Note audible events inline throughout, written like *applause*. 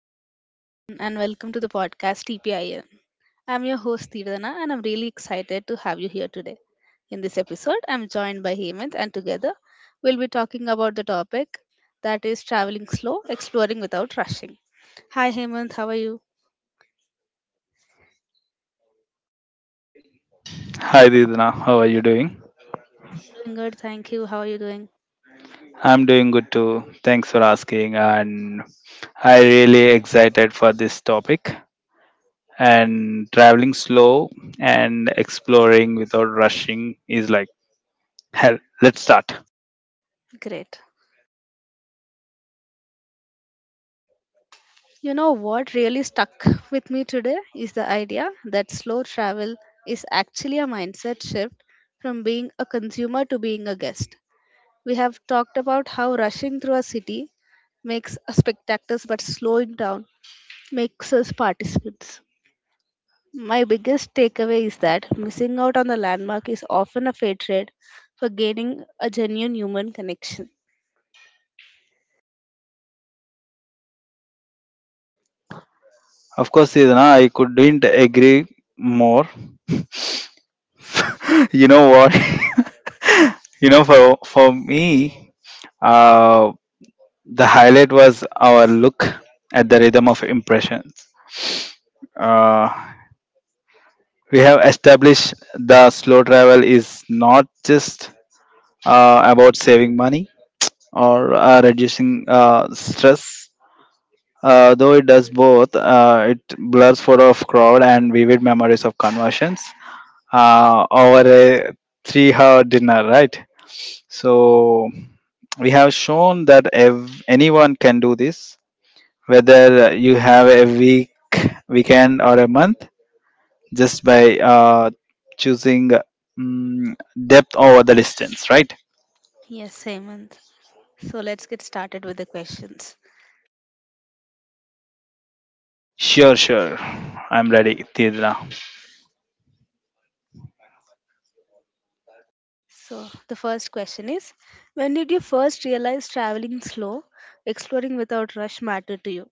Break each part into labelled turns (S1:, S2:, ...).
S1: Hello, everyone, and welcome to the podcast TPIM. I'm your host, Tirdana, and I'm really excited to have you here today. In this episode, I'm joined by Hemant, and together we'll be talking about the topic that is traveling slow, exploring without rushing. Hi, Hemant, how are you?
S2: Hi Didna, how are you doing?
S1: I'm good, thank you. How are you doing?
S2: I'm doing good too. Thanks for asking and I really excited for this topic and traveling slow and exploring without rushing is like hell. Let's start.
S1: Great. You know what really stuck with me today is the idea that slow travel is actually a mindset shift from being a consumer to being a guest. We have talked about how rushing through a city makes us spectators, but slowing down makes us participants. My biggest takeaway is that missing out on the landmark is often a fair trade for gaining a genuine human connection.
S2: Of course, Didna, I couldn't agree more. *laughs* You know what? *laughs* You know, for me, uh the highlight was our look at the rhythm of impressions. Uh, we have established the slow travel is not just about saving money or reducing stress. Though it does both, it blurs photo of crowd and vivid memories of conversions over a three-hour dinner, right? So we have shown that anyone can do this, whether you have a week, weekend, or a month just by choosing mm depth over the distance, right?
S1: Yes, Hemant. So let's get started with the questions.
S2: Sure, sure. I'm ready, Tidra.
S1: So the first question is, when did you first realize traveling slow, exploring without rush mattered to you?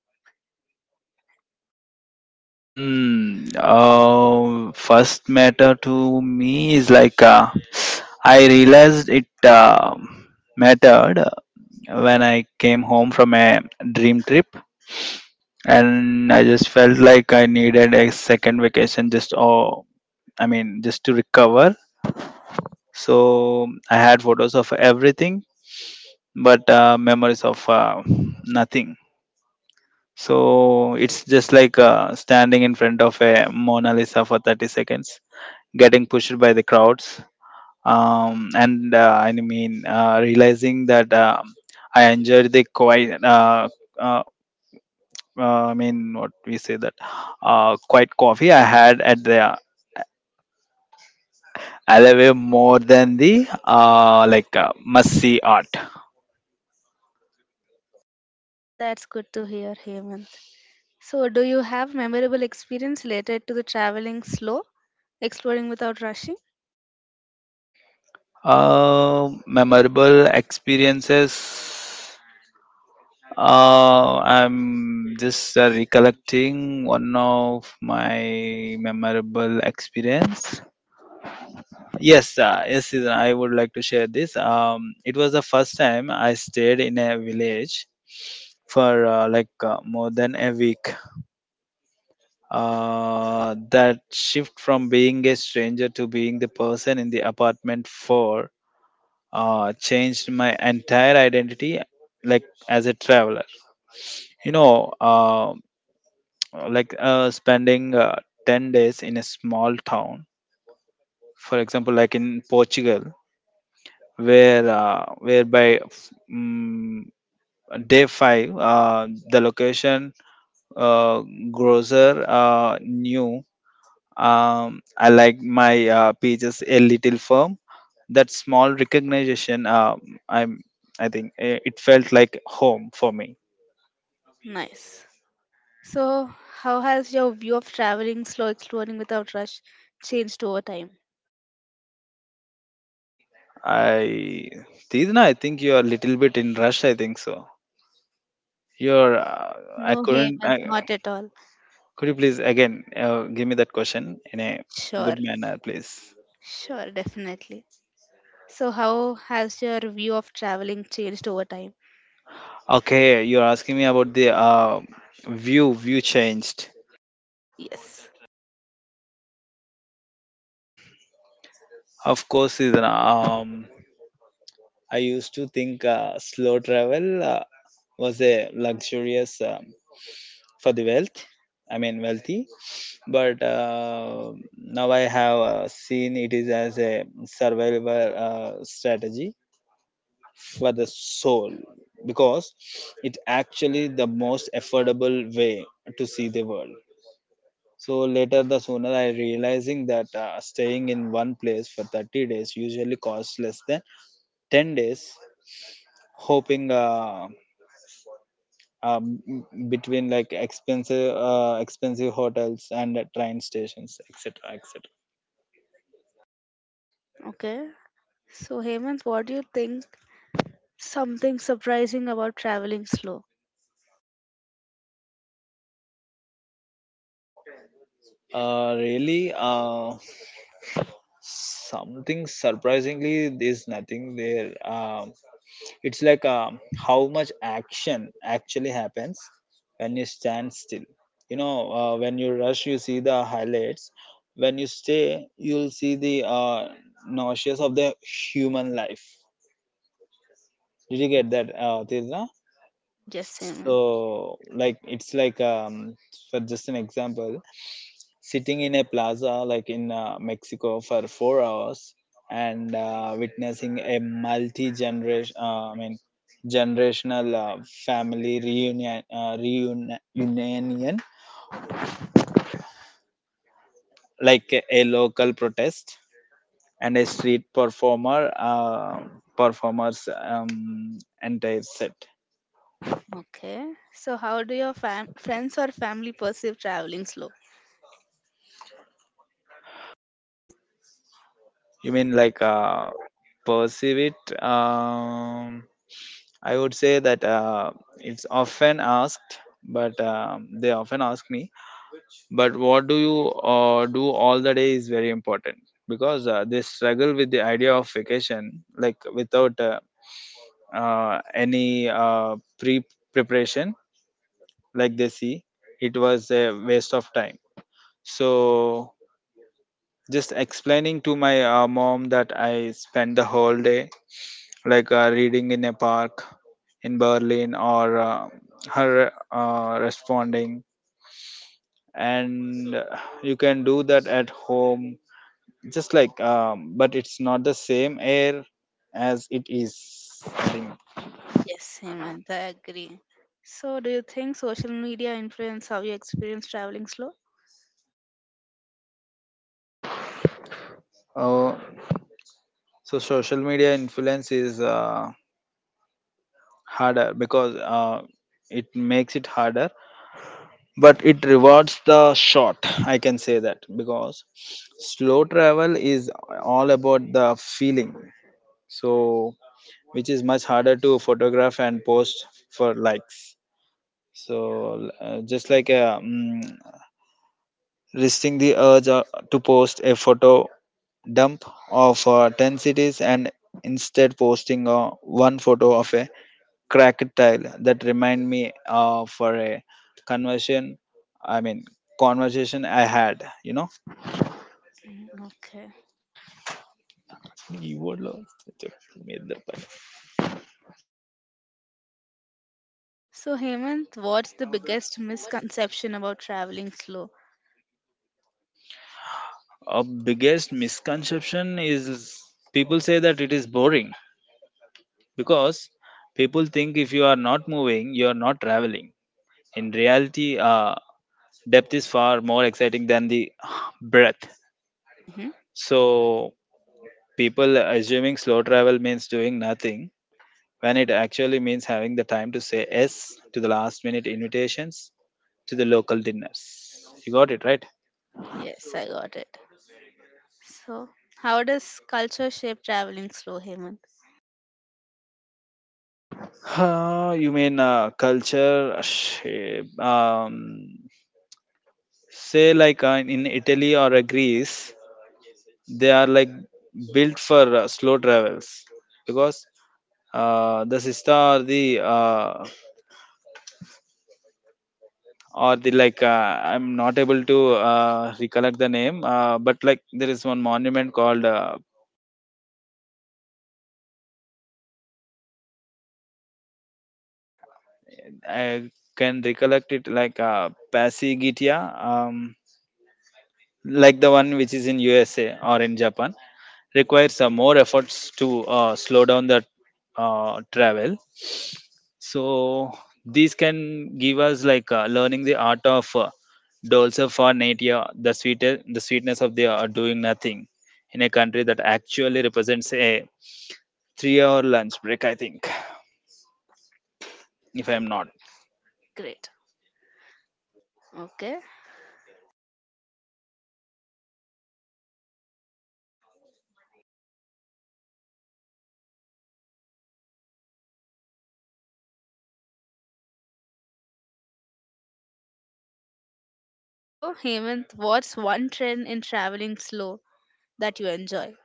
S2: First matter to me is like I realized it mattered when I came home from a dream trip, and I just felt like I needed a second vacation just or I mean just to recover. So I had photos of everything but memories of nothing. So it's just like standing in front of a Mona Lisa for 30 seconds, getting pushed by the crowds, and I mean realizing that I enjoyed the quiet. Uh, I mean, what we say that quiet coffee I had at the alleyway more than the must see art.
S1: That's good to hear, Hemant. So, do you have memorable experience related to the traveling slow, exploring without rushing?
S2: Memorable experiences. I'm just recollecting one of my memorable experience. Yes, yes, Siddhan, I would like to share this. It was the first time I stayed in a village for more than a week. That shift from being a stranger to being the person in the apartment for changed my entire identity, like as a traveler you know uh, spending 10 days in a small town, for example, like in Portugal, where by mm, day 5 the location uh, grocer knew I like my pages a little firm. That small recognition, i'm I think it felt like home for me.
S1: Nice. So, how has your view of traveling slow, exploring without rush changed over time?
S2: I Tizna, I think you are a little bit in rush, I think so. Your, I
S1: No
S2: couldn't.
S1: Haymans, not at all.
S2: Could you please again give me that question in a good
S1: Sure,
S2: manner, please?
S1: sure, definitely. So, how has your view of traveling changed over time?
S2: Okay, you're asking me about the view. View changed.
S1: Yes.
S2: Of course, is I used to think slow travel was a luxurious for the wealth. I mean wealthy, but now I have seen it is as a survival strategy for the soul, because it actually the most affordable way to see the world. So later the sooner I realizing that staying in one place for 30 days usually costs less than 10 days hoping, um, between like expensive hotels and train stations, etc, etc.
S1: Okay. So, Haymans, what do you think? Something surprising about traveling slow?
S2: Really, something surprisingly there's nothing there. It's like how much action actually happens when you stand still. You know, when you rush, you see the highlights. When you stay, you'll see the nauseous of the human life. Did you get that, Tirza?
S1: Yes, Haymans.
S2: So, like, it's like for just an example, sitting in a plaza like in Mexico for 4 hours and witnessing a generational family reunion, like a local protest and a performer's entire set.
S1: Okay. So, how do your friends or family perceive traveling slow?
S2: You mean like perceive it? I would say that it's often asked but they often ask me but what do you do all the day is very important, because they struggle with the idea of vacation like without any preparation. Like they see it was a waste of time. So just explaining to my mom that I spent the whole day like reading in a park in Berlin or her responding and you can do that at home, just like, but it's not the same air as it is, I think.
S1: Yes, Hemant, I agree. So, do you think social media influence how you experience traveling slow?
S2: uh, so social media influence is harder, because it makes it harder but it rewards the short, I can say that, because slow travel is all about the feeling, so which is much harder to photograph and post for likes. So resisting the urge to post a photo dump of 10 cities and instead posting one photo of a cracked tile that remind me for a conversion I mean conversation I had, you know.
S1: Okay.
S2: You would love to meet the person.
S1: So, Hemant, what's the biggest misconception about traveling slow?
S2: Our biggest misconception is people say that it is boring, because people think if you are not moving you are not traveling. In reality, depth is far more exciting than the *sighs* breadth.
S1: Mm-hmm.
S2: So people assuming slow travel means doing nothing, when it actually means having the time to say yes to the last minute invitations, to the local dinners. You got it, right?
S1: Yes, I got it. So, how does culture shape traveling slow, Hemant?
S2: You mean culture shape. Say like in Italy or Greece, they are like built for slow travels, because the siesta or the like, I'm not able to recollect the name, but like there is one monument called, yeah, I can recollect it, like pasigitia. um, like the one which is in USA or in Japan requires more efforts to slow down the travel. So these can give us like learning the art of dolce far natia, the sweet, the sweetness of the doing nothing in a country that actually represents a 3 hour lunch break, I think, if I'm not.
S1: Great. Okay. So, Hemant, what's one trend in traveling slow that you enjoy?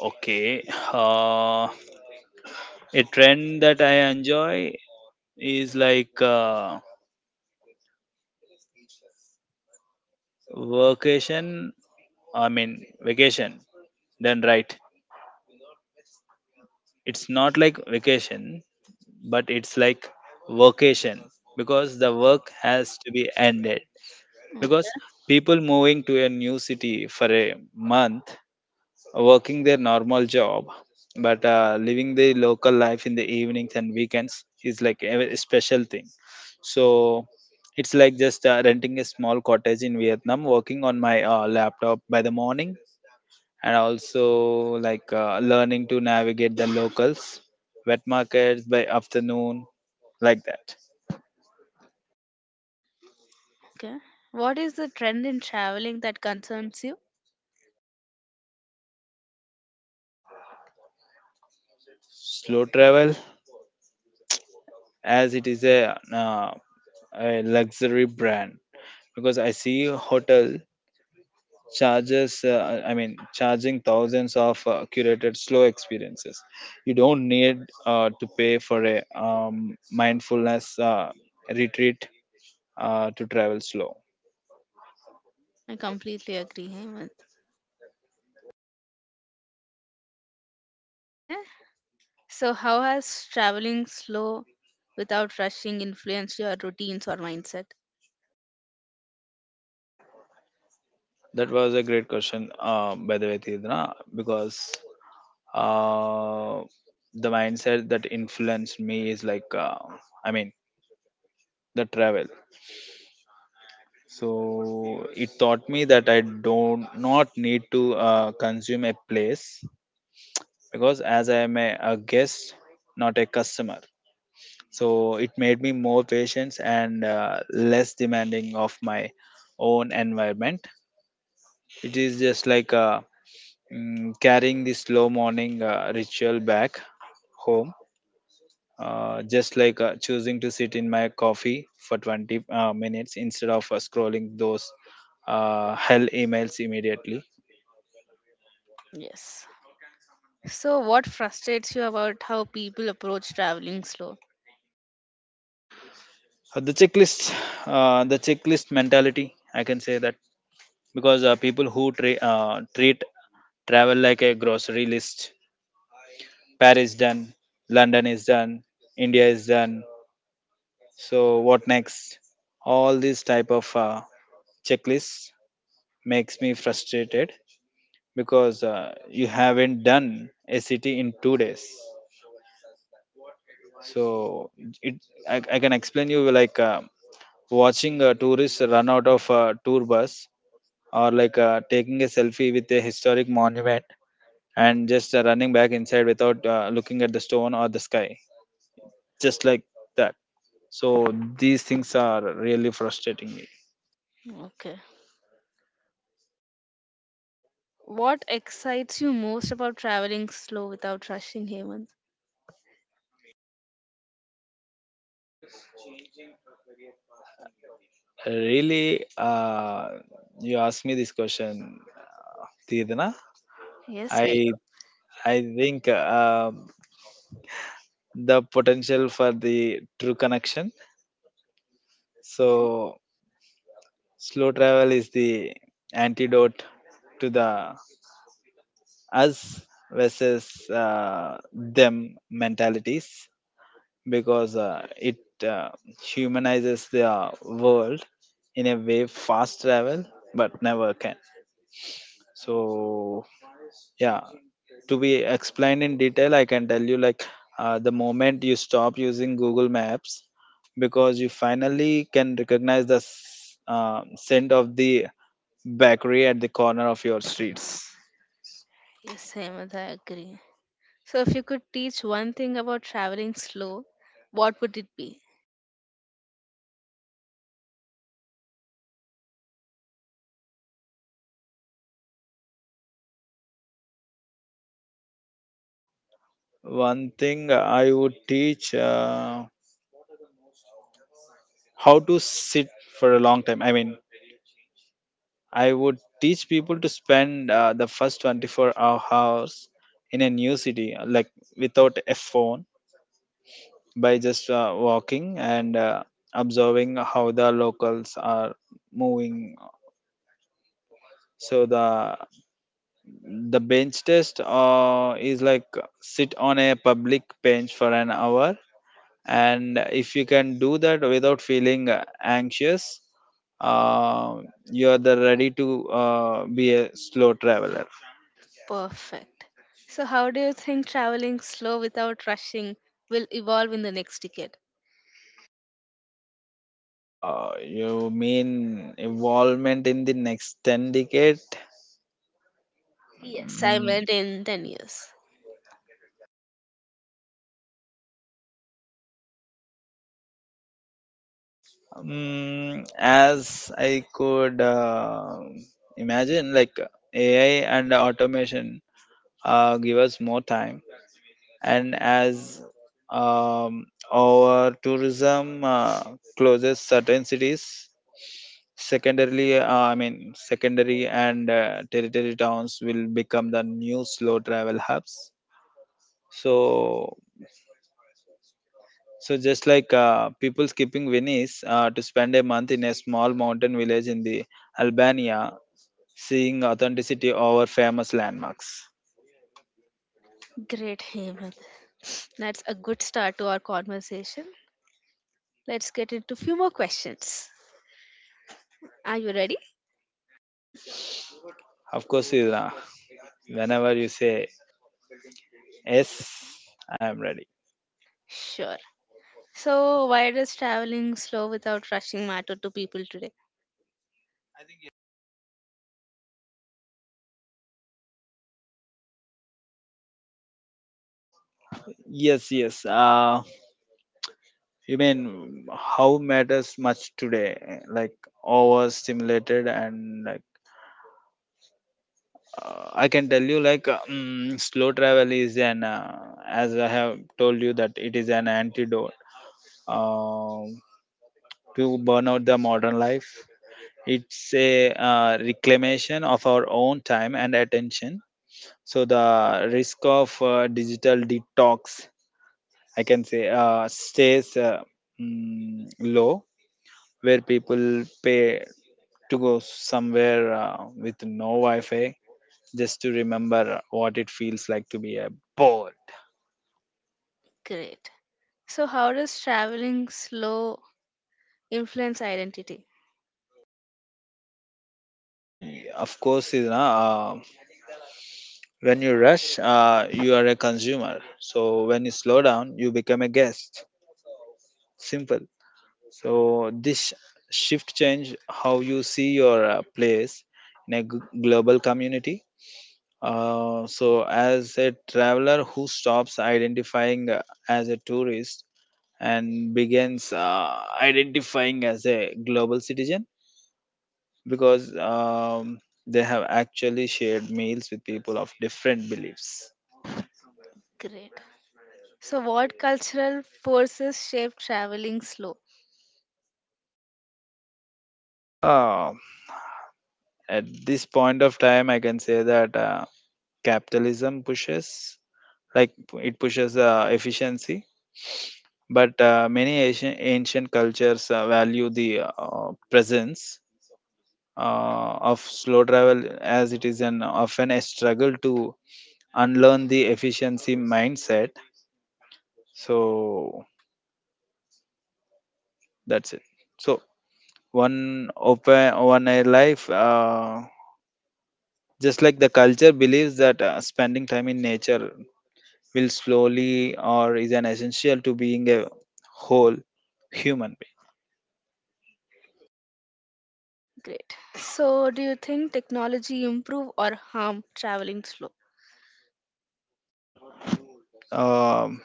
S2: Okay, uh, a trend that I enjoy is like vacation I mean vacation done right. It's not like vacation, but it's like vocation, because the work has to be ended. Because
S1: Okay.
S2: people moving to a new city for a month, working their normal job, but living the local life in the evenings and weekends is like a very special thing. So it's like just renting a small cottage in Vietnam, working on my laptop by the morning and also like learning to navigate the locals, wet markets by afternoon, like that.
S1: Okay. What is the trend in traveling that concerns you?
S2: Slow travel, as it is a luxury brand, because I see hotel charges. I mean, charging thousands of curated slow experiences. You don't need to pay for a mindfulness retreat to travel slow.
S1: I completely agree, Hemant. Okay. So, how has traveling slow without rushing influenced your routines or mindset?
S2: That was a great question, by the way, Tidna, because uh, the mindset that influenced me is like, I mean, the travel. So it taught me that I don't not need to consume a place, because as I am a guest, not a customer. So it made me more patient and less demanding of my own environment. It is just like carrying the slow morning ritual back home, just like choosing to sit in my coffee for 20 minutes instead of scrolling those hell emails immediately.
S1: Yes. So, what frustrates you about how people approach traveling slow?
S2: Uh, the checklist the checklist mentality, I can say that, because people who treat travel like a grocery list. Paris done, London is done, India is done. So what next? All these type of checklists makes me frustrated, because you haven't done a city in 2 days. So it, I can explain you like watching a tourist run out of a tour bus or like taking a selfie with a historic monument and just running back inside without looking at the stone or the sky, just like that. So these things are really frustrating me.
S1: Okay. What excites you most about traveling slow without rushing, Hemant?
S2: Really, you asked me this question, Tidana.
S1: Yes, I
S2: I I think, the potential for the true connection. So slow travel is the antidote to the us versus them mentalities, because it uh, humanizes the world in a way fast travel but never can. So yeah to be explained in detail, I can tell you, like, the moment you stop using Google Maps, because you finally can recognize the scent of the bakery at the corner of your streets.
S1: yes, Hemant, I agree. So, if you could teach one thing about traveling slow, what would it be?
S2: One thing I would teach, how to sit for a long time, I mean, I would teach people to spend the first 24 hours in a new city, like, without a phone, by just walking and observing how the locals are moving. So the bench test, is like, sit on a public bench for an hour, and if you can do that without feeling anxious, uh, you are the ready to be a slow traveler.
S1: Perfect. So, how do you think traveling slow without rushing will evolve in the next decade?
S2: You mean involvement in the next 10 decade?
S1: Yes, I
S2: Mm,
S1: meant in 10 years.
S2: mm, as I could imagine, like, AI and automation give us more time, and as our tourism closes certain cities, secondarily, I mean, secondary and territory towns will become the new slow travel hubs. So. So just like people skipping Venice to spend a month in a small mountain village in the Albania, seeing authenticity over famous landmarks.
S1: Great, Hemant. That's a good start to our conversation. Let's get into a few more questions. Are you ready?
S2: Of course, Sridhar, whenever you say yes, I am ready.
S1: Sure. So, why does traveling slow without rushing matter to people today?
S2: Yes, yes. You mean how matters much today? Like overstimulated and like, I can tell you, like, slow travel is an as I have told you, that it is an antidote, um, to burn out the modern life. It's a reclamation of our own time and attention. So the risk of digital detox, I can say, stays mm, low, where people pay to go somewhere with no Wi-Fi, just to remember what it feels like to be a poor.
S1: Great. So, how does traveling slow influence identity?
S2: Of course, you know, uh, when you rush, you are a consumer. So when you slow down, you become a guest. Simple. So this shift change how you see your place in a global community. So, as a traveler who stops identifying as a tourist and begins identifying as a global citizen, because they have actually shared meals with people of different beliefs.
S1: Great. So, what cultural forces shape traveling slow?
S2: Huh. At this point of time, I can say that capitalism pushes, like it pushes efficiency, but many ancient cultures value the presence of slow travel, as it is an often a struggle to unlearn the efficiency mindset. So that's it. So one open one a life, just like the culture believes that spending time in nature will slowly or is an essential to being a whole human
S1: Great. So, do you think technology improve or harm traveling slow?
S2: being.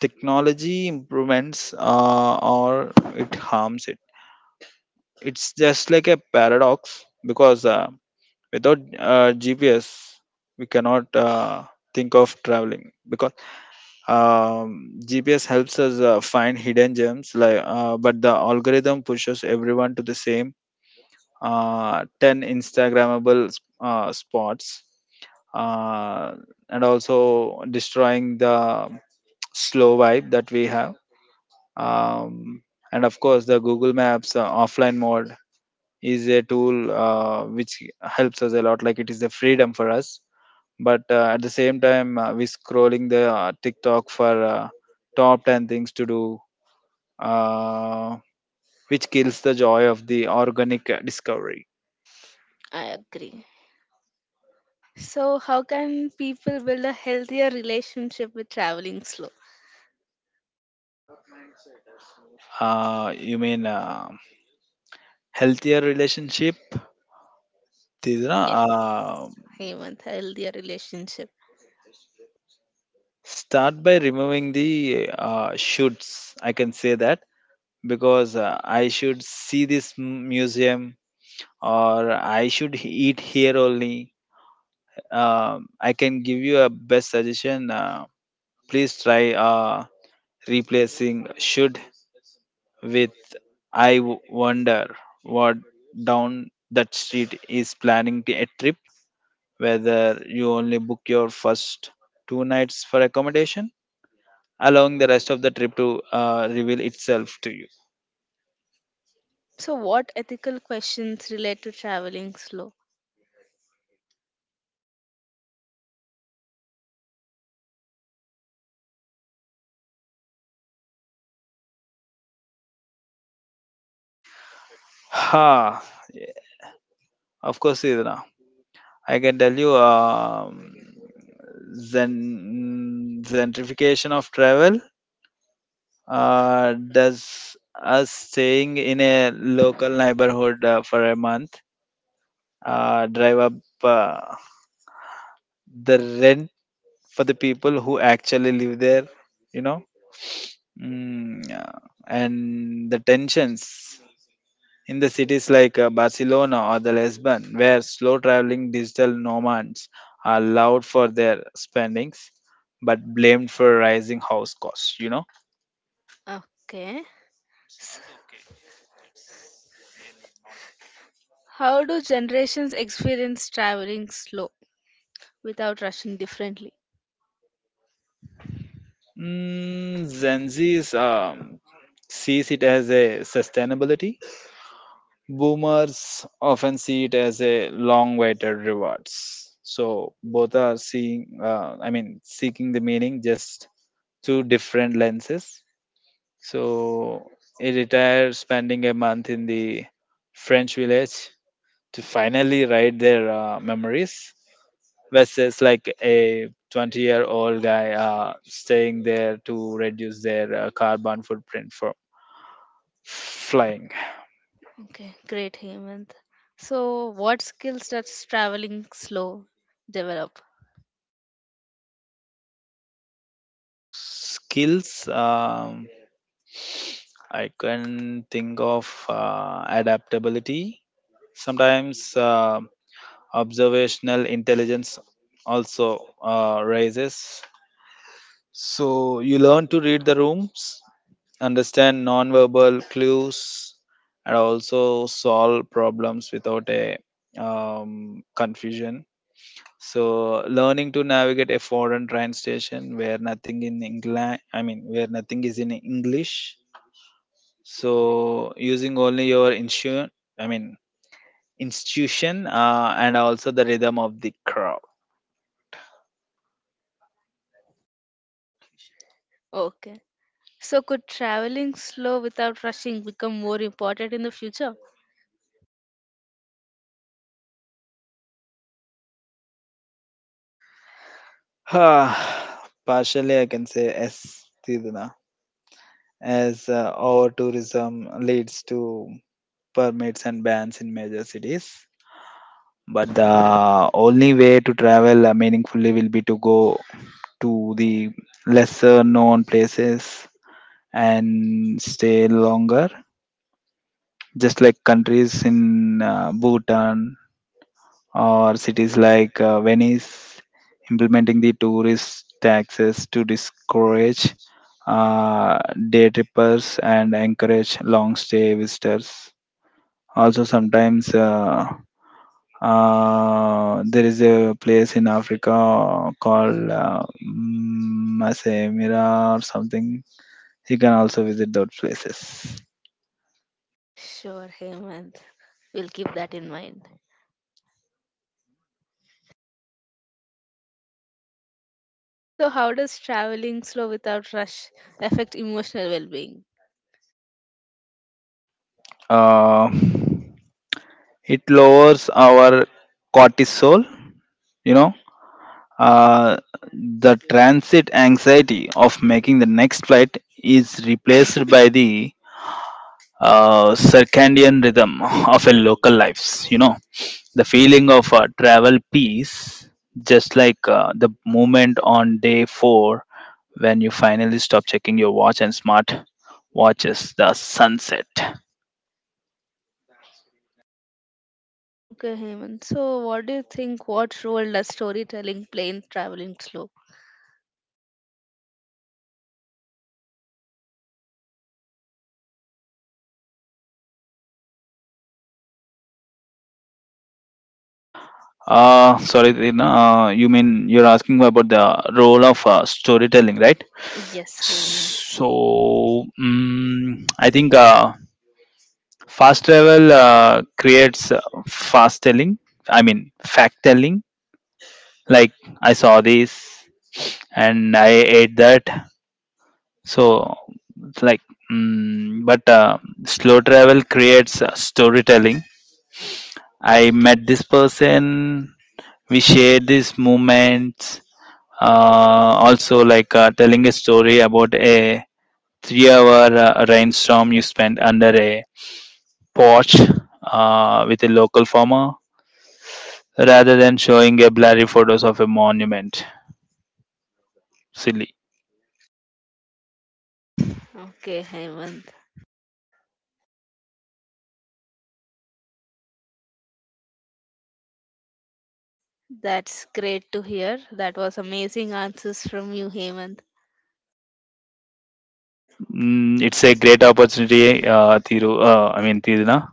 S2: Technology improvements, or it harms it. It's just like a paradox, because without GPS, we cannot think of traveling, because GPS helps us find hidden gems. Like, but the algorithm pushes everyone to the same ten Instagrammable spots, uh, and also destroying the slow vibe that we have. Um, and of course, the Google Maps offline mode is a tool which helps us a lot. Like it is the freedom for us, but at the same time, we scrolling the tiktok for top 10 things to do, uh, which kills the joy of the organic discovery.
S1: I agree. So, how can people build a healthier relationship with traveling slow?
S2: You mean healthier relationship, Tidra,
S1: Yes,
S2: uh,
S1: Hemant, healthier relationship.
S2: start by removing the shoulds, I can say that, because I should see this museum or I should eat here only. I can give you a best suggestion. Please try replacing should with I wonder what down that street is planning to- a trip, whether you only book your first two nights for accommodation, allowing the rest of the trip to reveal itself to you.
S1: So, what ethical questions relate to traveling slow?
S2: Ha! Yeah, of course, Idna. I can tell you, gentrification of travel does us staying in a local neighborhood for a month drive up uh, the rent for the people who actually live there, you know? Mm, yeah. And the tensions in the cities like Barcelona or the Lisbon, where slow traveling digital nomads are allowed for their spendings but blamed for rising house costs, you know?
S1: Okay. S- How do generations experience traveling slow without rushing differently?
S2: Mm, Gen Z's sees it as a sustainability. Boomers often see it as a long-awaited rewards. So both are seeing, I mean, seeking the meaning just through different lenses. So he retired, spending a month in the French village to finally write their memories, versus like a 20-year-old year old guy staying there to reduce their carbon footprint from flying.
S1: Okay, great, Hemant. So, what skills does traveling slow develop?
S2: Skills, I can think of adaptability, sometimes, um, observational intelligence, also raises, so you learn to read the rooms, understand non-verbal clues, and also solve problems without a confusion. So learning to navigate a foreign train station where nothing in England, I mean where nothing is in English. So using only your insu, I mean institution, and also the rhythm of the crowd.
S1: Okay. So, could traveling slow without rushing become more important in the future?
S2: *sighs* Partially, I can say yes, Tiduna, as over tourism leads to permits and bans in major cities. But the only way to travel meaningfully will be to go to the lesser known places and stay longer, just like countries in Bhutan or cities like Venice implementing the tourist taxes to discourage uh, day trippers and encourage long stay visitors. Also, sometimes, uh, there is a place in Africa called, mm, Masai Mara or something. You can also visit those places.
S1: Sure, Hemant. We'll keep that in mind. So, how does traveling slow without rush affect emotional well being?
S2: Uh, it lowers our cortisol, you know. Uh, the transit anxiety of making the next flight is replaced by the circadian rhythm of a local lives, you know, the feeling of travel peace, just like the moment on day four when you finally stop checking your watch and smart watches the sunset.
S1: Okay, Hemant. So, what do you think? What role does storytelling play in traveling slow?
S2: Sorry, Tina, you mean you're asking about the role of storytelling, right?
S1: Yes, Hemant.
S2: So, mm, I think fast travel creates fast telling, I mean, fact telling. Like, I saw this and I ate that. So, it's like, mm, but slow travel creates storytelling. I met this person, we shared these moments, uh, also, like telling a story about a 3 hour rainstorm you spent under a porch with a local farmer, rather than showing a blurry photos of a monument. Silly.
S1: Okay, Hemant. That's great to hear. That was amazing answers from you, Hemant.
S2: Mm, it's a great opportunity, Thiruna.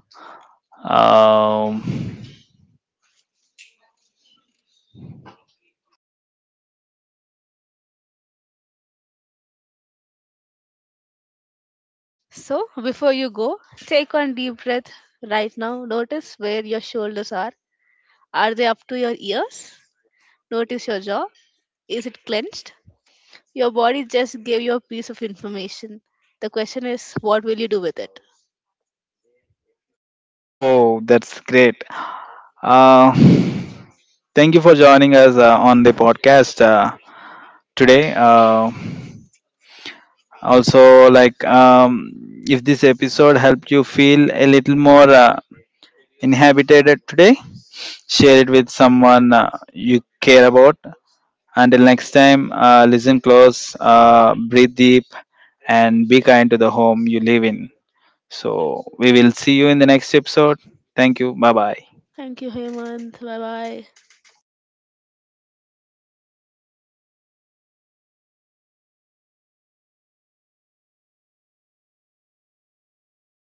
S2: Um,
S1: So, before you go, take one deep breath right now. Notice where your shoulders are. Are they up to your ears? Notice your jaw. Is it clenched? Your body just gave you a piece of information. The question is, what will you do with it?
S2: Oh, that's great. Uh, *laughs* thank you for joining us on the podcast today. Also, like, if this episode helped you feel a little more inhabited today, share it with someone you care about. Until next time, listen close, breathe deep, and be kind to the home you live in. So, we will see you in the next episode. Thank you. Bye bye.
S1: Thank you, Hemant. Bye bye.